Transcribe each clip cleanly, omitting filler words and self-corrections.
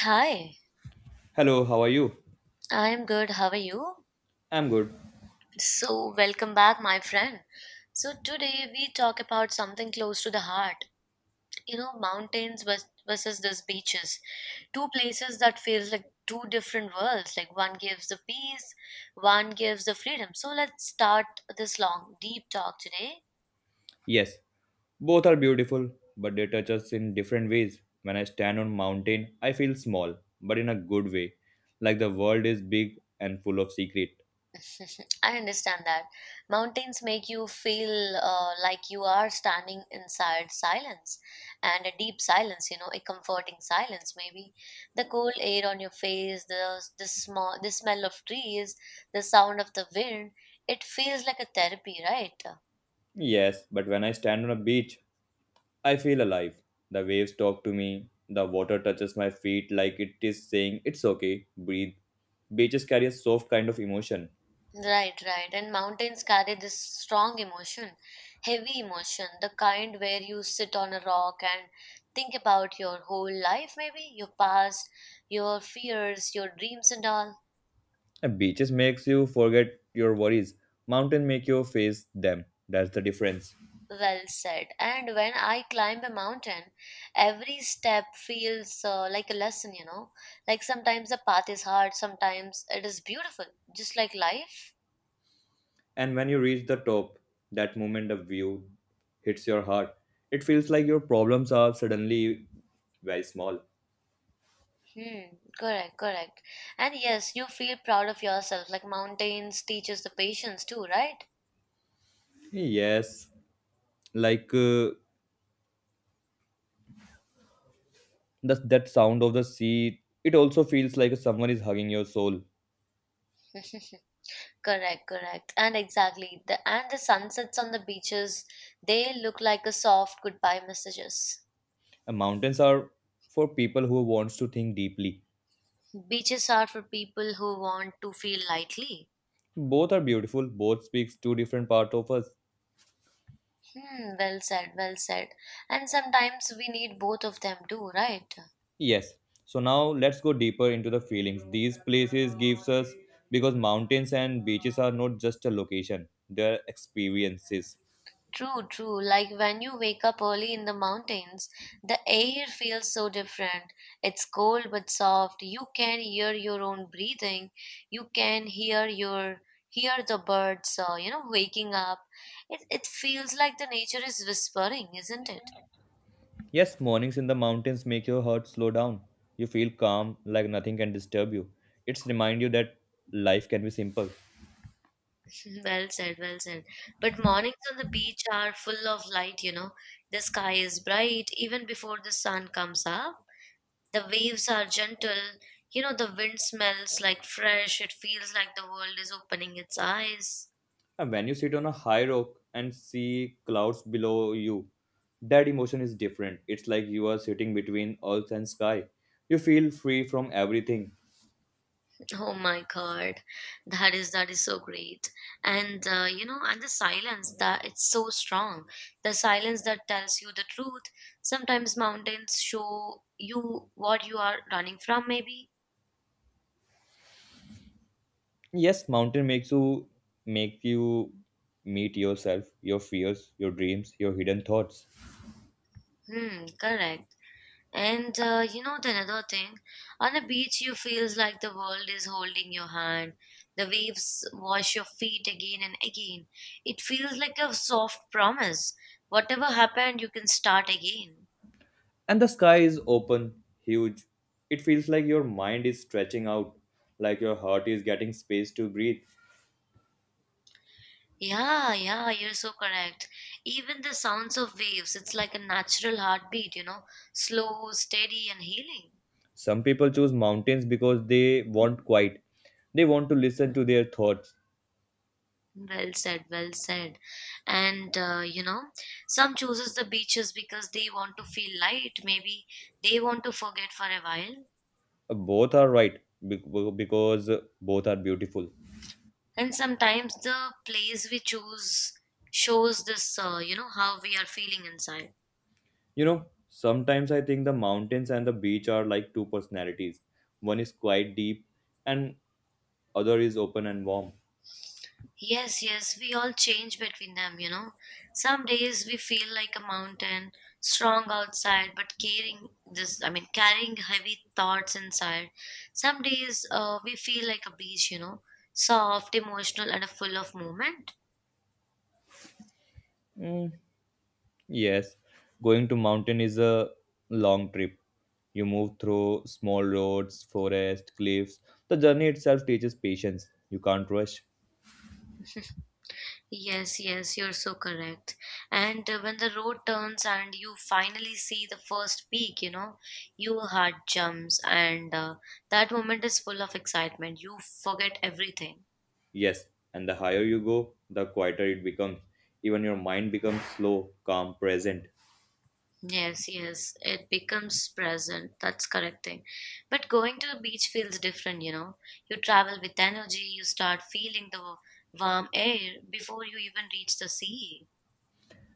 Hi, Hello, how are you? I'm good. How are you? I'm good. So, welcome back, my friend. So, today we talk about something close to the heart. You know, versus these beaches. Two places that feels like two different worlds. Like one gives the peace, one gives the freedom. So, let's start this long, deep talk today. Yes, both are beautiful, but they touch us in different ways. When I stand on mountain, I feel small, but in a good way, like the world is big and full of secret. I understand that. Mountains make you feel like you are standing inside silence and a deep silence, you know, a comforting silence maybe. The cold air on your face, the the smell of trees, the sound of the wind, it feels like a therapy, right? Yes, but when I stand on a beach, I feel alive. The waves talk to me, the water touches my feet like it is saying, "It's okay, breathe." Beaches carry a soft kind of emotion. Right, right. And mountains carry this strong emotion, heavy emotion, the kind where you sit on a rock and think about your whole life, maybe your past, your fears, your dreams, and all. And beaches makes you forget your worries. Mountain make you face them. That's the difference. Well said. And when I climb a mountain, every step feels like a lesson, you know. Like sometimes the path is hard, sometimes it is beautiful, just like life. And when you reach the top, that moment the view hits your heart. It feels like your problems are suddenly very small. Hmm, correct, correct. And yes, you feel proud of yourself. Like mountains teaches the patience too, right? Yes, like that sound of the sea, it also feels like someone is hugging your soul. Correct, correct. And exactly. The and the sunsets on the beaches, they look like a soft goodbye messages. And mountains are for people who wants to think deeply. Beaches are for people who want to feel lightly. Both are beautiful, both speaks to different part of us. Hmm, well said, well said. And sometimes we need both of them too, right? Yes. So now let's go deeper into the feelings these places gives us because mountains and beaches are not just a location, they're experiences. True, true. Like when you wake up early in the mountains, the air feels so different. It's cold but soft. You can hear your own breathing. You can hear your Hear the birds, you know, waking up. It feels like the nature is whispering, isn't it? Yes, mornings in the mountains make your heart slow down. You feel calm like nothing can disturb you. It's remind you that life can be simple. Well said, well said. But mornings on the beach are full of light, you know. The sky is bright even before the sun comes up. The waves are gentle. You know, the wind smells like fresh. It feels like the world is opening its eyes. And when you sit on a high rock and see clouds below you, that emotion is different. It's like you are sitting between earth and sky. You feel free from everything. Oh my God, that is so great. And you know, and the silence that it's so strong. The silence that tells you the truth. Sometimes mountains show you what you are running from. Maybe. Yes, mountain makes you meet yourself, your fears, your dreams, your hidden thoughts. Hmm. Correct. And you know the another thing, on a beach you feels like the world is holding your hand. The waves wash your feet again and again. It feels like a soft promise. Whatever happened, you can start again. And the sky is open, huge. It feels like your mind is stretching out, like your heart is getting space to breathe. Yeah, yeah, you're so correct. Even the sounds of waves, it's like a natural heartbeat, you know, slow, steady, and healing. Some people choose mountains because they want quiet. They want to listen to their thoughts. Well said, well said. And you know, some chooses the beaches because they want to feel light, maybe they want to forget for a while. Both are right because both are beautiful. And sometimes the place we choose shows this, you know, how we are feeling inside. You know, sometimes I think the mountains and the beach are like two personalities. One is quite deep and other is open and warm. Yes, yes, we all change between them, you know. Some days we feel like a mountain, strong outside, but carrying this, I mean, carrying heavy thoughts inside. Some days we feel like a beach, you know, soft, emotional, and full of movement. Mm, yes, going to mountain is a long trip. You move through small roads, forest, cliffs. The journey itself teaches patience. You can't rush. Yes, yes, you're so correct. And when the road turns and you finally see the first peak, you know, your heart jumps, and that moment is full of excitement. You forget everything. Yes, and the higher you go, the quieter it becomes. Even your mind becomes slow, calm, present. Yes, yes, it becomes present. That's correct thing. But going to the beach feels different, you know. You travel with energy, you start feeling the warm air before you even reach the sea.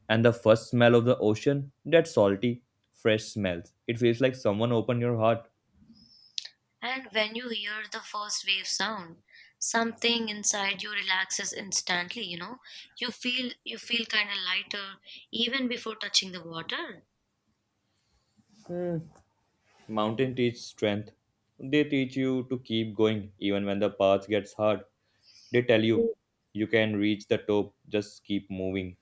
And the first smell of the ocean, that salty, fresh smells. It feels like someone opened your heart. And when you hear the first wave sound, something inside you relaxes instantly, you know. You feel kind of lighter even before touching the water. Mountain teach strength. They teach you to keep going even when the path gets hard. They tell you you can reach the top, just keep moving.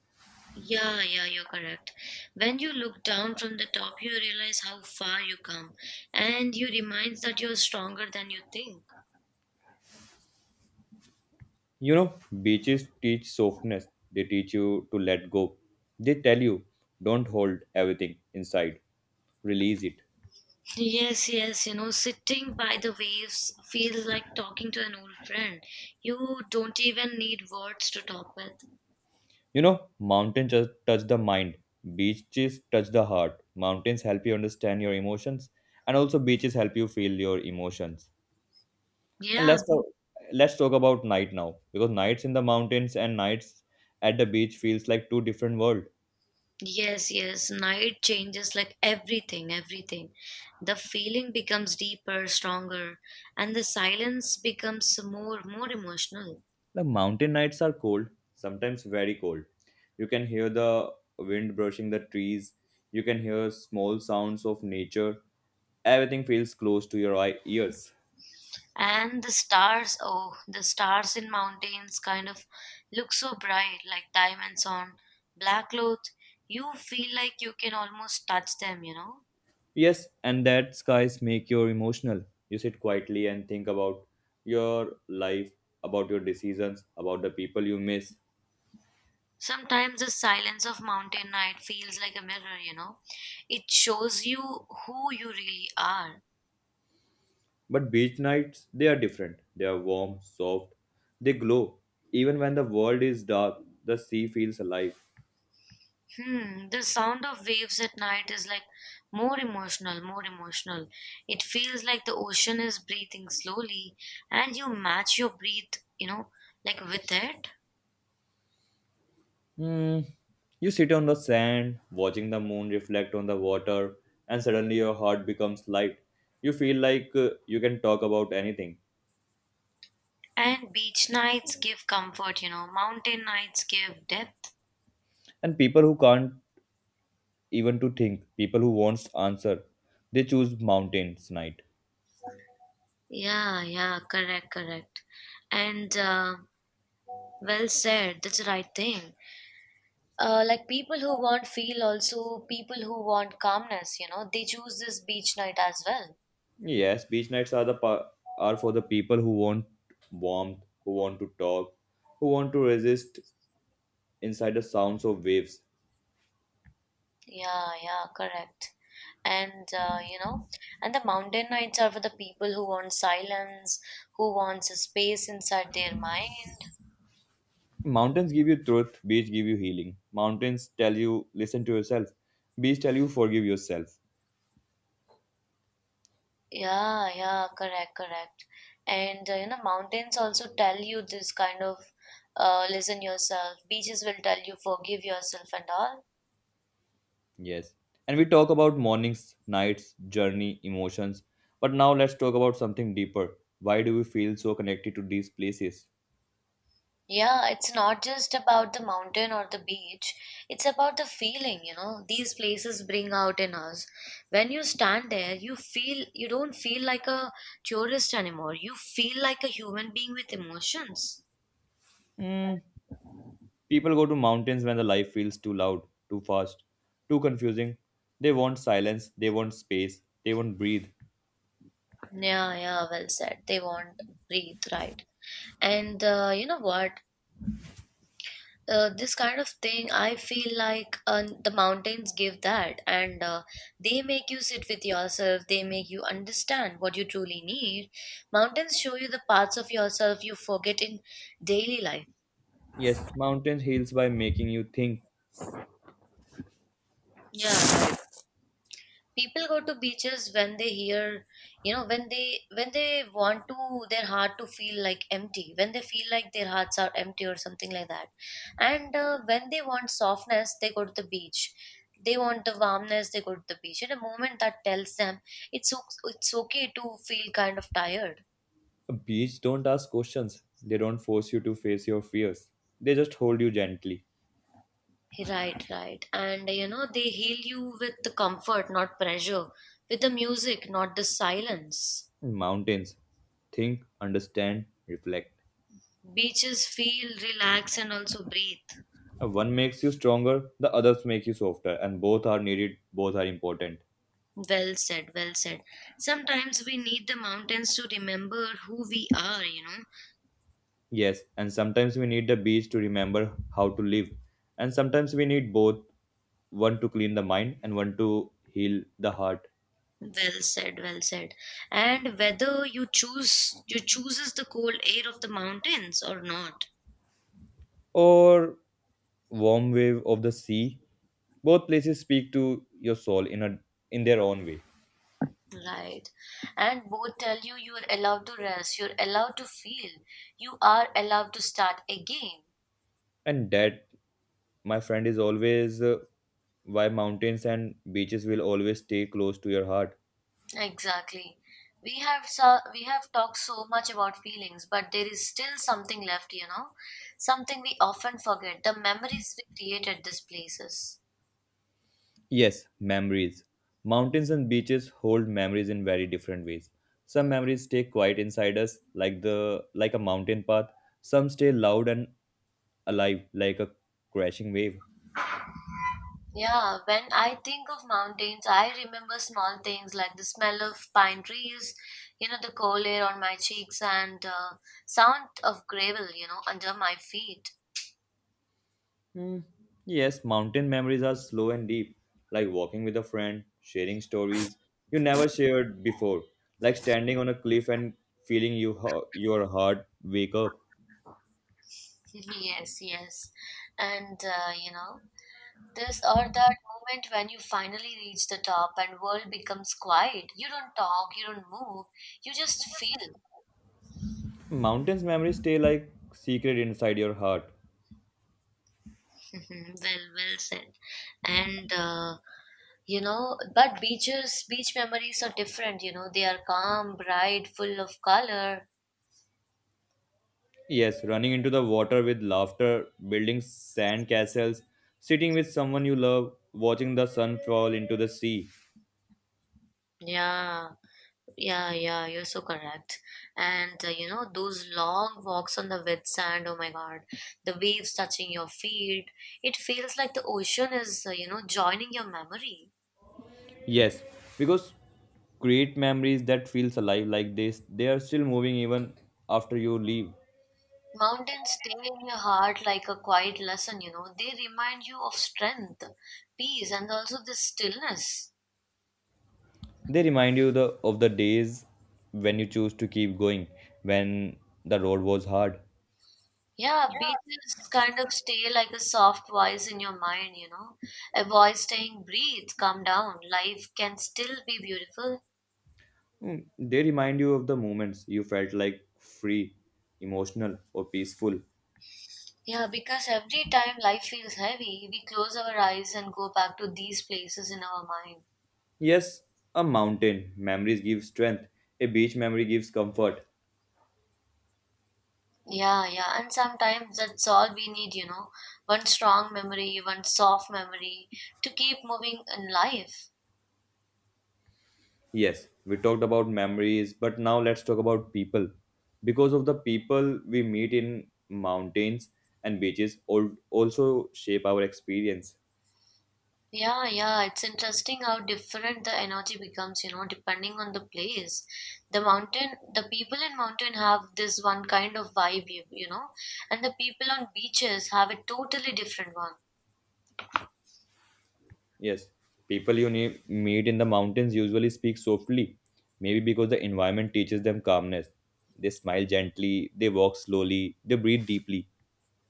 Yeah, yeah, you're correct. When you look down from the top, you realize how far you come, and you remind that you're stronger than you think. You know, beaches teach softness, they teach you to let go. They tell you don't hold everything inside, release it. Yes, yes, you know, sitting by the waves feels like talking to an old friend. You don't even need words to talk with. You know, mountains just touch the mind, beaches touch the heart. Mountains help you understand your emotions, and also beaches help you feel your emotions. And Yeah, let's talk about night now, because nights in the mountains and nights at the beach feels like two different world. yes, yes, night changes like everything, everything. The feeling becomes deeper, stronger, and the silence becomes more, more emotional. The mountain nights are cold, sometimes very cold. You can hear the wind brushing the trees. You can hear small sounds of nature. Everything feels close to your ears. And the stars, oh, the stars in mountains kind of look so bright, like diamonds on black cloth. You feel like you can almost touch them, you know. Yes, and that skies make you emotional. You sit quietly and think about your life, about your decisions, about the people you miss. Sometimes the silence of mountain night feels like a mirror, you know. It shows you who you really are. But beach nights, they are different. They are warm, soft, they glow. Even when the world is dark, the sea feels alive. Hmm, the sound of waves at night is like more emotional, more emotional. It feels like the ocean is breathing slowly and you match your breath, you know, like with it. Mm, you sit on the sand, watching the moon reflect on the water, and suddenly your heart becomes light. You feel like you can talk about anything. And beach nights give comfort, you know, mountain nights give depth. And people who can't even to think, people who wants answer, they choose mountains night. Yeah, yeah, correct, correct. And well said, that's the right thing. Like people who want feel also people who want calmness, you know, they choose this beach night as well. Yes, beach nights are for the people who want warmth, who want to talk, who want to resist inside the sounds of waves. Yeah, yeah, correct. And you know, and the mountain nights are for the people who want silence, who wants a space inside their mind. Mountains give you truth, beach give you healing. Mountains tell you listen to yourself. Beach tell you forgive yourself. Yeah, yeah, correct, correct. And you know, mountains also tell you this kind of listen yourself. Beaches will tell you forgive yourself and all. Yes. And we talk about mornings, nights, journey, emotions. But now let's talk about something deeper. Why do we feel so connected to these places? Yeah, it's not just about the mountain or the beach. It's about the feeling, you know, these places bring out in us. When you stand there, you don't feel like a tourist anymore. You feel like a human being with emotions. Mm, people go to mountains when the life feels too loud, too fast, too confusing. They want silence, they want space, they want breathe. Yeah, yeah, well said. They won't breathe, right? And you know what? This kind of thing I feel like the mountains give that and they make you sit with yourself. They make you understand what you truly need. Mountains show you the parts of yourself you forget in daily life. Yes, mountains heals by making you think. Yeah, people go to beaches when they hear you know when they want to their heart to feel like empty, when they feel like their hearts are empty or something like that. And when they want softness they go to the beach. They want the warmness, they go to the beach at a moment that tells them it's okay to feel kind of tired. Beach don't ask questions. They don't force you to face your fears. They just hold you gently. Right, right, and you know they heal you with the comfort not pressure, with the music not the silence. Mountains think, understand, reflect. Beaches feel relax and also breathe. One makes you stronger, the others make you softer, and both are needed, both are important. Well said, well said. Sometimes we need the mountains to remember who we are, you know. Yes, and sometimes we need the beach to remember how to live, and sometimes we need both, one to clean the mind and one to heal the heart. Well said, well said. And whether you chooses the cold air of the mountains or not. Or warm wave of the sea. Both places speak to your soul in a in their own way. Right. And both tell you you are allowed to rest, you're allowed to feel, you are allowed to start again. And that, my friend, is always why mountains and beaches will always stay close to your heart. Exactly. We have talked so much about feelings, but there is still something left, you know, something we often forget, the memories we create at these places. Yes, memories. Mountains and beaches hold memories in very different ways. Some memories stay quiet inside us, like the like a mountain path. Some stay loud and alive, like a crashing wave. Yeah, when I think of mountains, I remember small things like the smell of pine trees, you know, the cold air on my cheeks and sound of gravel, you know, under my feet. Mm, Yes, mountain memories are slow and deep, like walking with a friend, sharing stories you never shared before, like standing on a cliff and feeling your heart wake up. Yes, yes. And, you know, This or that moment when you finally reach the top and world becomes quiet. You don't talk, you don't move, you just feel. Mountains memories stay like secret inside your heart. Mhm, well said. And you know, but beach memories are different. You know, they are calm, bright, full of color. Yes, running into the water with laughter, building sand castles, sitting with someone you love, watching the sun fall into the sea. Yeah, yeah, yeah. you're so correct. And you know, those long walks on the wet sand. Oh my God, the waves touching your feet. It feels like the ocean is, you know, joining your memory. Yes, because create memories that feels alive like this, they are still moving even after you leave. Mountains stay in your heart like a quiet lesson, you know. They remind you of strength, peace, and also the stillness. They remind you the of the days when you choose to keep going when the road was hard. Yeah, beaches kind of stay like a soft voice in your mind, you know. A voice saying, breathe, calm down, life can still be beautiful. They remind you of the moments you felt like free, emotional, or peaceful. Yeah, because every time life feels heavy, we close our eyes and go back to these places in our mind. Yes, a mountain memories give strength. A beach memory gives comfort. Yeah, yeah, and sometimes that's all we need, you know. One strong memory, one soft memory to keep moving in life. Yes, we talked about memories, but now let's talk about people. Because of the people we meet in mountains and beaches, also shape our experience. Yeah, yeah, it's interesting how different the energy becomes, you know, depending on the place. The people in mountain have this one kind of vibe, you know, and the people on beaches have a totally different one. Yes, people you meet in the mountains usually speak softly, maybe because the environment teaches them calmness. They smile gently, they walk slowly, they breathe deeply.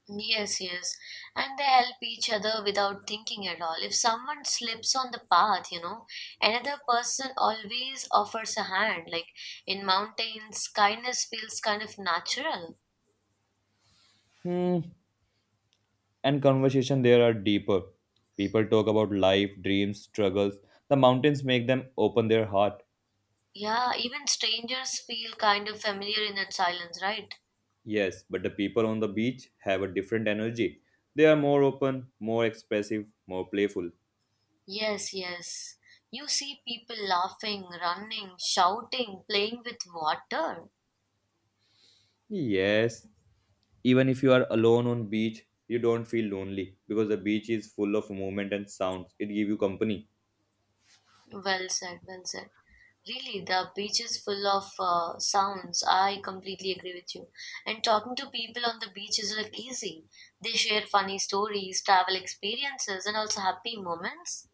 Yes, yes. And they help each other without thinking at all. If someone slips on the path, you know, another person always offers a hand. Like in mountains, kindness feels kind of natural. Hmm. And conversation there are deeper. People talk about life, dreams, struggles. The mountains make them open their heart. Yeah, even strangers feel kind of familiar in that silence, right? Yes, but the people on the beach have a different energy. They are more open, more expressive, more playful. Yes, yes. You see people laughing, running, shouting, playing with water. Yes, even if you are alone on beach, you don't feel lonely because the beach is full of movement and sounds. It give you company. Well said, well said. Really, the beach is full of sounds. I completely agree with you. And talking to people on the beach is like easy. They share funny stories, travel experiences, and also happy moments.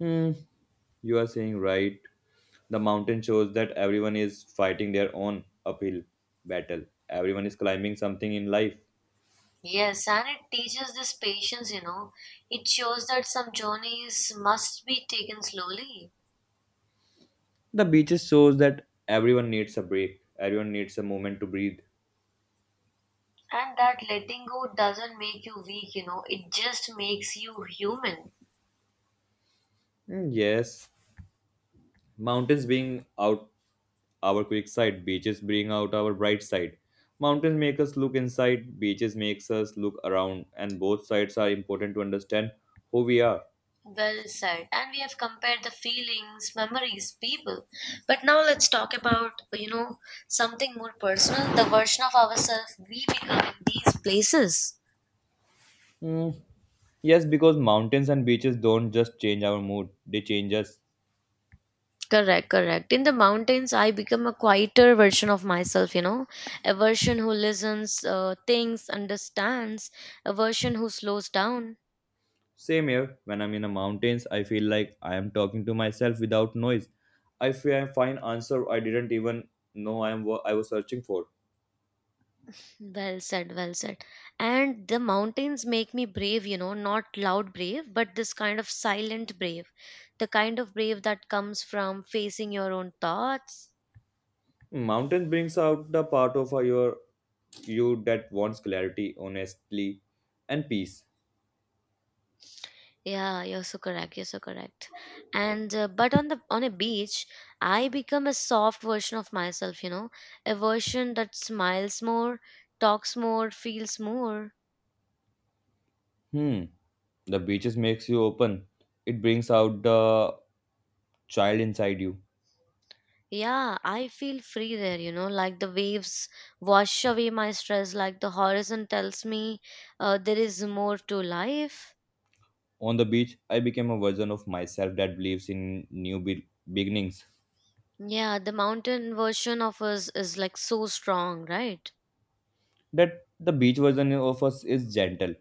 Hmm, you are saying right. The mountain shows that everyone is fighting their own uphill battle. Everyone is climbing something in life. Yes, and it teaches this patience, you know. It shows that some journeys must be taken slowly. The beaches shows that everyone needs a break. Everyone needs a moment to breathe. And that letting go doesn't make you weak, you know. It just makes you human. Hmm, yes, mountains being out our quick side. Beaches bring out our bright side. Mountains make us look inside. Beaches makes us look around. And both sides are important to understand who we are. Well said. And we have compared the feelings, memories, people. But now let's talk about, something more personal, the version of ourselves we become in these places. Mm, Yes, because mountains and beaches don't just change our mood, they change us. Correct, correct. In the mountains, I become a quieter version of myself, you know, a version who listens, thinks, understands, a version who slows down. Same here, when I'm in the mountains, I feel like I am talking to myself without noise. I feel I find answer I didn't even know I was searching for. Well said, well said. And the mountains make me brave, you know, not loud brave, but this kind of silent brave. The kind of brave that comes from facing your own thoughts. Mountain brings out the part of you that wants clarity, honestly, and peace. Yeah, you're so correct. You're so correct. And but on the on a beach, I become a soft version of myself, you know, a version that smiles more, talks more, feels more. Hmm. The beaches makes you open. It brings out the child inside you. Yeah, I feel free there, you know, like the waves wash away my stress, like the horizon tells me there is more to life. On the beach, I became a version of myself that believes in new beginnings. Yeah, the mountain version of us is like so strong, right? That the beach version of us is gentle,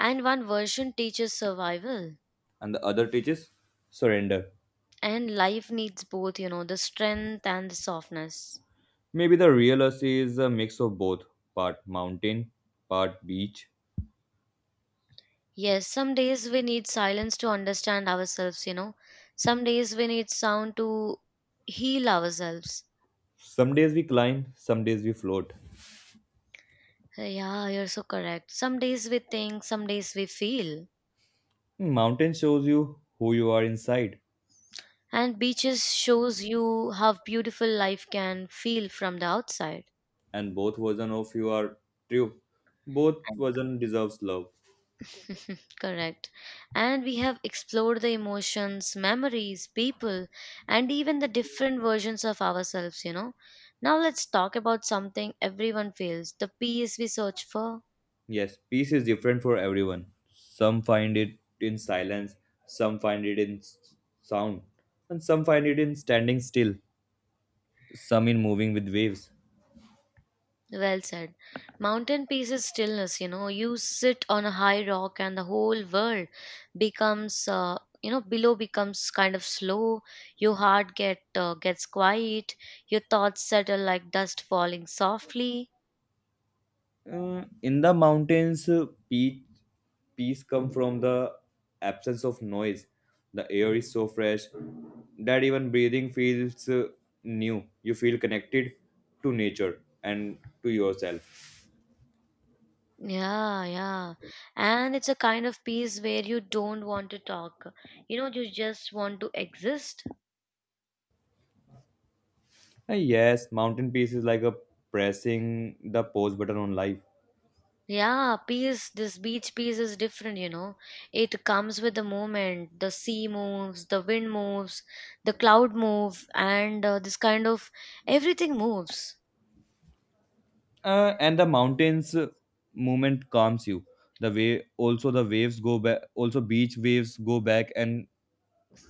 And one version teaches survival, and the other teaches surrender. and life needs both, you know, the strength and the softness. Maybe the real us is a mix of both, part mountain, part beach. Yes, some days we need silence to understand ourselves, you know, some days we need sound to heal ourselves. Some days we climb, some days we float. Yeah, you're so correct. Some days we think, some days we feel. Mountain shows you who you are inside, And beaches shows you how beautiful life can feel from the outside. and both version of you are true. Both And- version deserves love. Correct. And we have explored the emotions, memories, people, and even the different versions of ourselves, you know. Now let's talk about something everyone feels, the peace we search for. Yes, peace is different for everyone. Some find it in silence, some find it in sound, and some find it in standing still, some in moving with waves. Well said. Mountain peace is stillness, you know. You sit on a high rock and the whole world becomes you know, below becomes kind of slow, your heart gets quiet, your thoughts settle like dust falling softly. In the mountains, peace comes from the absence of noise. The air is so fresh that even breathing feels new. You feel connected to nature and to yourself. Yeah, yeah, and it's a kind of peace where you don't want to talk, you know, you just want to exist. And yes, mountain peace is like a pressing the pause button on life. Yeah, this beach peace is different, you know. It comes with the moment. The sea moves, the wind moves, the cloud move, and this kind of everything moves. And the mountains movement calms you the way also beach waves go back and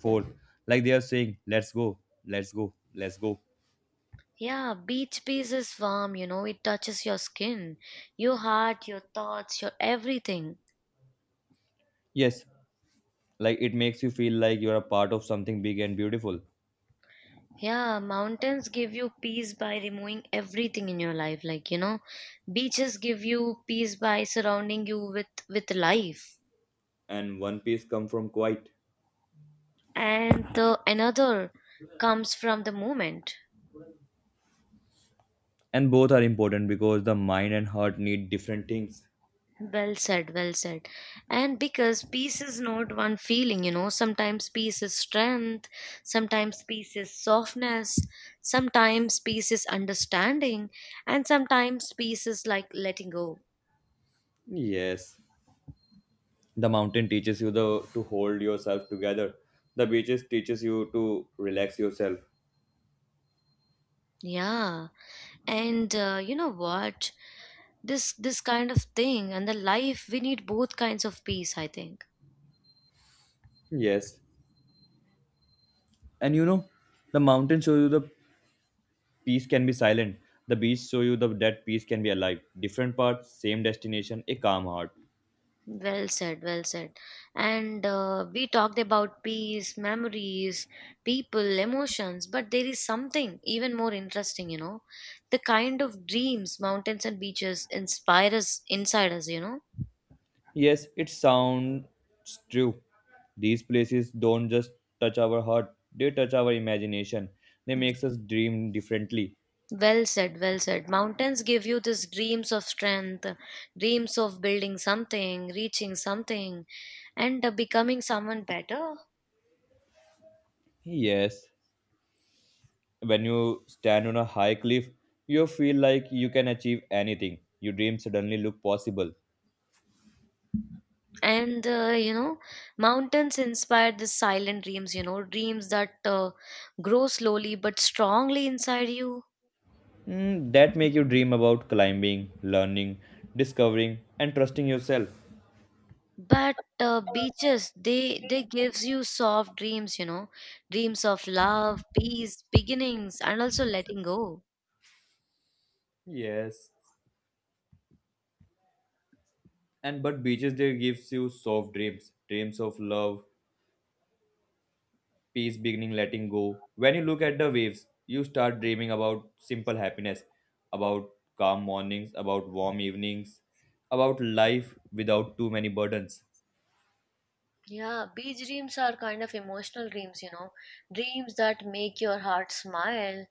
forth like they are saying let's go, let's go, let's go. Yeah, beach peace is warm, you know. It touches your skin, your heart, your thoughts, your everything. Yes, like it makes you feel like you're a part of something big and beautiful. Yeah, mountains give you peace by removing everything in your life. Like, you know, beaches give you peace by surrounding you with life. And one piece come from quiet. And the another comes from the moment. And both are important because the mind and heart need different things. Well said, well said. And because peace is not one feeling, you know, sometimes peace is strength, sometimes peace is softness, sometimes peace is understanding, and sometimes peace is like letting go. Yes, the mountain teaches you the to hold yourself together. The beaches teaches you to relax yourself. Yeah, and you know what, this kind of thing, and the life, we need both kinds of peace, I think. Yes. And you know, the mountains show you the peace can be silent. The beach show you the that peace can be alive. Different parts, same destination, a calm heart. Well said, well said. And we talked about peace, memories, people, emotions, but there is something even more interesting, you know. The kind of dreams mountains and beaches inspire us inside us, you know. Yes, it sounds true. These places don't just touch our heart, they touch our imagination. They makes us dream differently. Well said, well said. Mountains give you these dreams of strength, dreams of building something, reaching something, and becoming someone better. Yes, when you stand on a high cliff, you feel like you can achieve anything. Your dreams suddenly look possible. And you know, mountains inspire the silent dreams, you know, dreams that grow slowly but strongly inside you. Mm, that make you dream about climbing, learning, discovering, and trusting yourself. But beaches, they gives you soft dreams, you know, dreams of love, peace, beginnings, and also letting go. Yes. And but beaches there gives you soft dreams, dreams of love, peace, beginning, letting go. When you look at the waves, you start dreaming about simple happiness, about calm mornings, about warm evenings, about life without too many burdens. Yeah, beach dreams are kind of emotional dreams, you know, dreams that make your heart smile.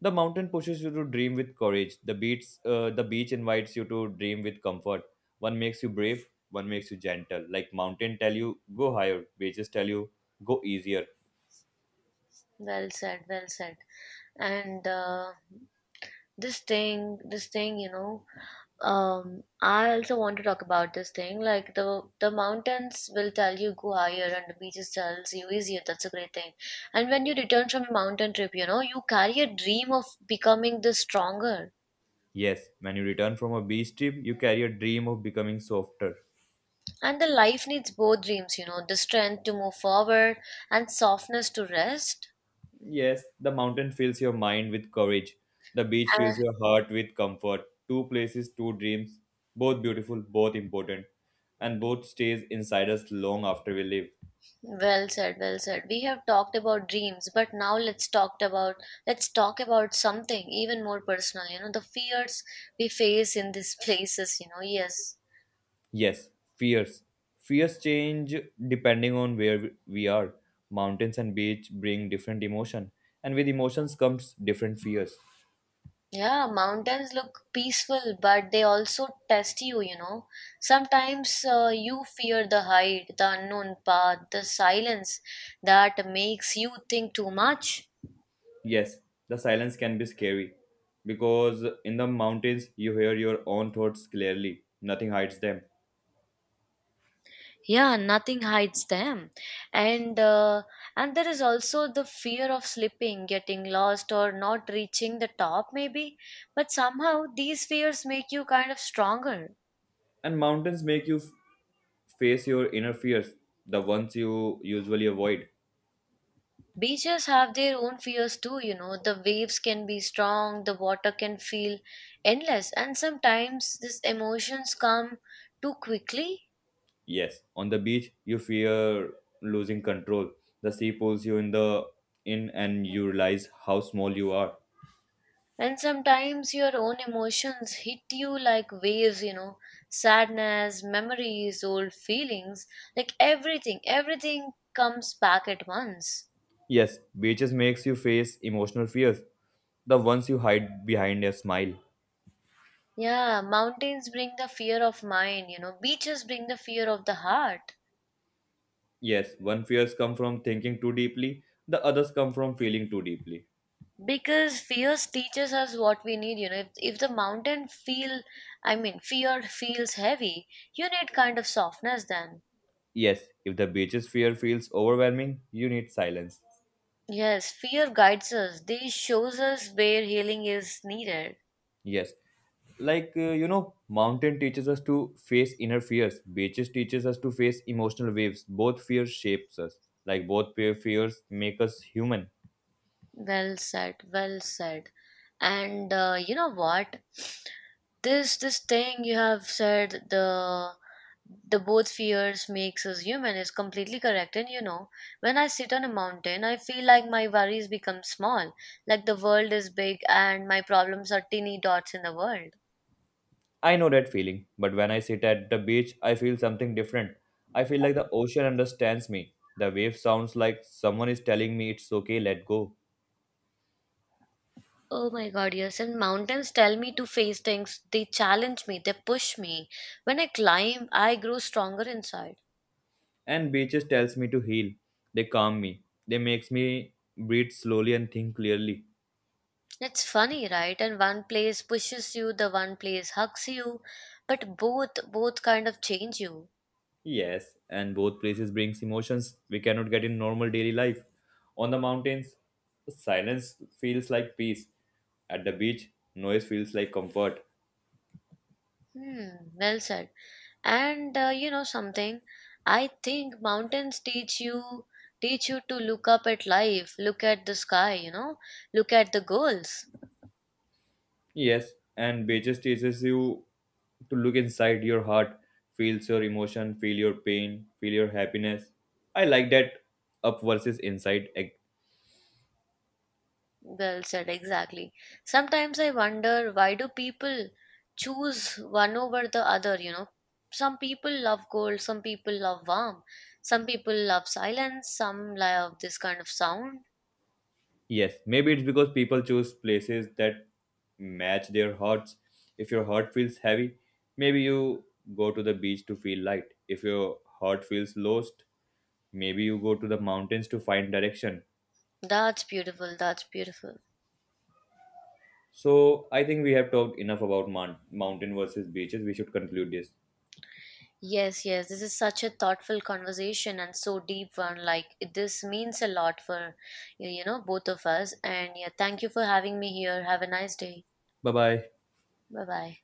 The mountain pushes you to dream with courage. The beach invites you to dream with comfort. One makes you brave, one makes you gentle. Like mountain tell you go higher, beaches tell you go easier. Well said, well said. And this thing, you know, I also want to talk about this thing, like the mountains will tell you go higher and the beaches tells you easier, that's a great thing. And when you return from a mountain trip, you know, you carry a dream of becoming the stronger. Yes, when you return from a beach trip, you carry a dream of becoming softer. And the life needs both dreams, you know, the strength to move forward and softness to rest. Yes, the mountain fills your mind with courage. The beach fills your heart with comfort. Two places, two dreams, both beautiful, both important, and both stays inside us long after we leave. Well said, well said. We have talked about dreams, but now let's talk about something even more personal, you know, the fears we face in these places, you know. Yes. Yes, fears. Fears change depending on where we are. Mountains and beach bring different emotion, and with emotions comes different fears. Yeah, mountains look peaceful, but they also test you, you know. Sometimes you fear the height, the unknown path, the silence that makes you think too much. Yes, the silence can be scary because in the mountains you hear your own thoughts clearly, nothing hides them. Yeah, nothing hides them. And there is also the fear of slipping, getting lost, or not reaching the top maybe, but somehow these fears make you kind of stronger. And mountains make you face your inner fears, the ones you usually avoid. Beaches have their own fears too, you know, the waves can be strong, the water can feel endless, and sometimes these emotions come too quickly. Yes, on the beach you fear losing control. The sea pulls you in the in and you realize how small you are. And sometimes your own emotions hit you like waves, you know, sadness, memories, old feelings, like everything, everything comes back at once. Yes, beaches makes you face emotional fears, the ones you hide behind a smile. Yeah, mountains bring the fear of mind, you know, beaches bring the fear of the heart. Yes, one fears come from thinking too deeply, the others come from feeling too deeply. Because fears teaches us what we need, you know. If the mountain feel, I mean, fear feels heavy, you need kind of softness then. Yes, if the beaches fear feels overwhelming, you need silence. Yes, fear guides us. This shows us where healing is needed. Yes, like you know, mountain teaches us to face inner fears. Beaches teaches us to face emotional waves. Both fears shapes us. Like both fears make us human. Well said, well said. And you know what? This thing you have said, the both fears makes us human, is completely correct. And you know, when I sit on a mountain, I feel like my worries become small, like the world is big and my problems are teeny dots in the world. I know that feeling, but when I sit at the beach, I feel something different. I feel like the ocean understands me. The wave sounds like someone is telling me it's okay, let go. Oh my God, yes. And mountains tell me to face things. They challenge me. They push me. When I climb, I grow stronger inside. And beaches tells me to heal. They calm me. They makes me breathe slowly and think clearly. It's funny, right? And one place pushes you, the one place hugs you, but both kind of change you. Yes, and both places brings emotions we cannot get in normal daily life. On the mountains, silence feels like peace. At the beach, noise feels like comfort. Hmm, well said. And you know something, I think mountains teach you to look up at life, look at the sky, you know, look at the goals. Yes, and beaches teaches you to look inside your heart, feels your emotion, feel your pain, feel your happiness. I like that up versus inside. Well said, exactly. Sometimes I wonder, why do people choose one over the other, you know? Some people love cold, some people love warm, some people love silence, some love this kind of sound. Yes, maybe it's because people choose places that match their hearts. If your heart feels heavy, maybe you go to the beach to feel light. If your heart feels lost, maybe you go to the mountains to find direction. That's beautiful, that's beautiful. So I think we have talked enough about mountain versus beaches. We should conclude this. Yes, yes, this is such a thoughtful conversation and so deep one. Like, this means a lot for, you know, both of us. And yeah, thank you for having me here. Have a nice day. Bye bye. Bye bye.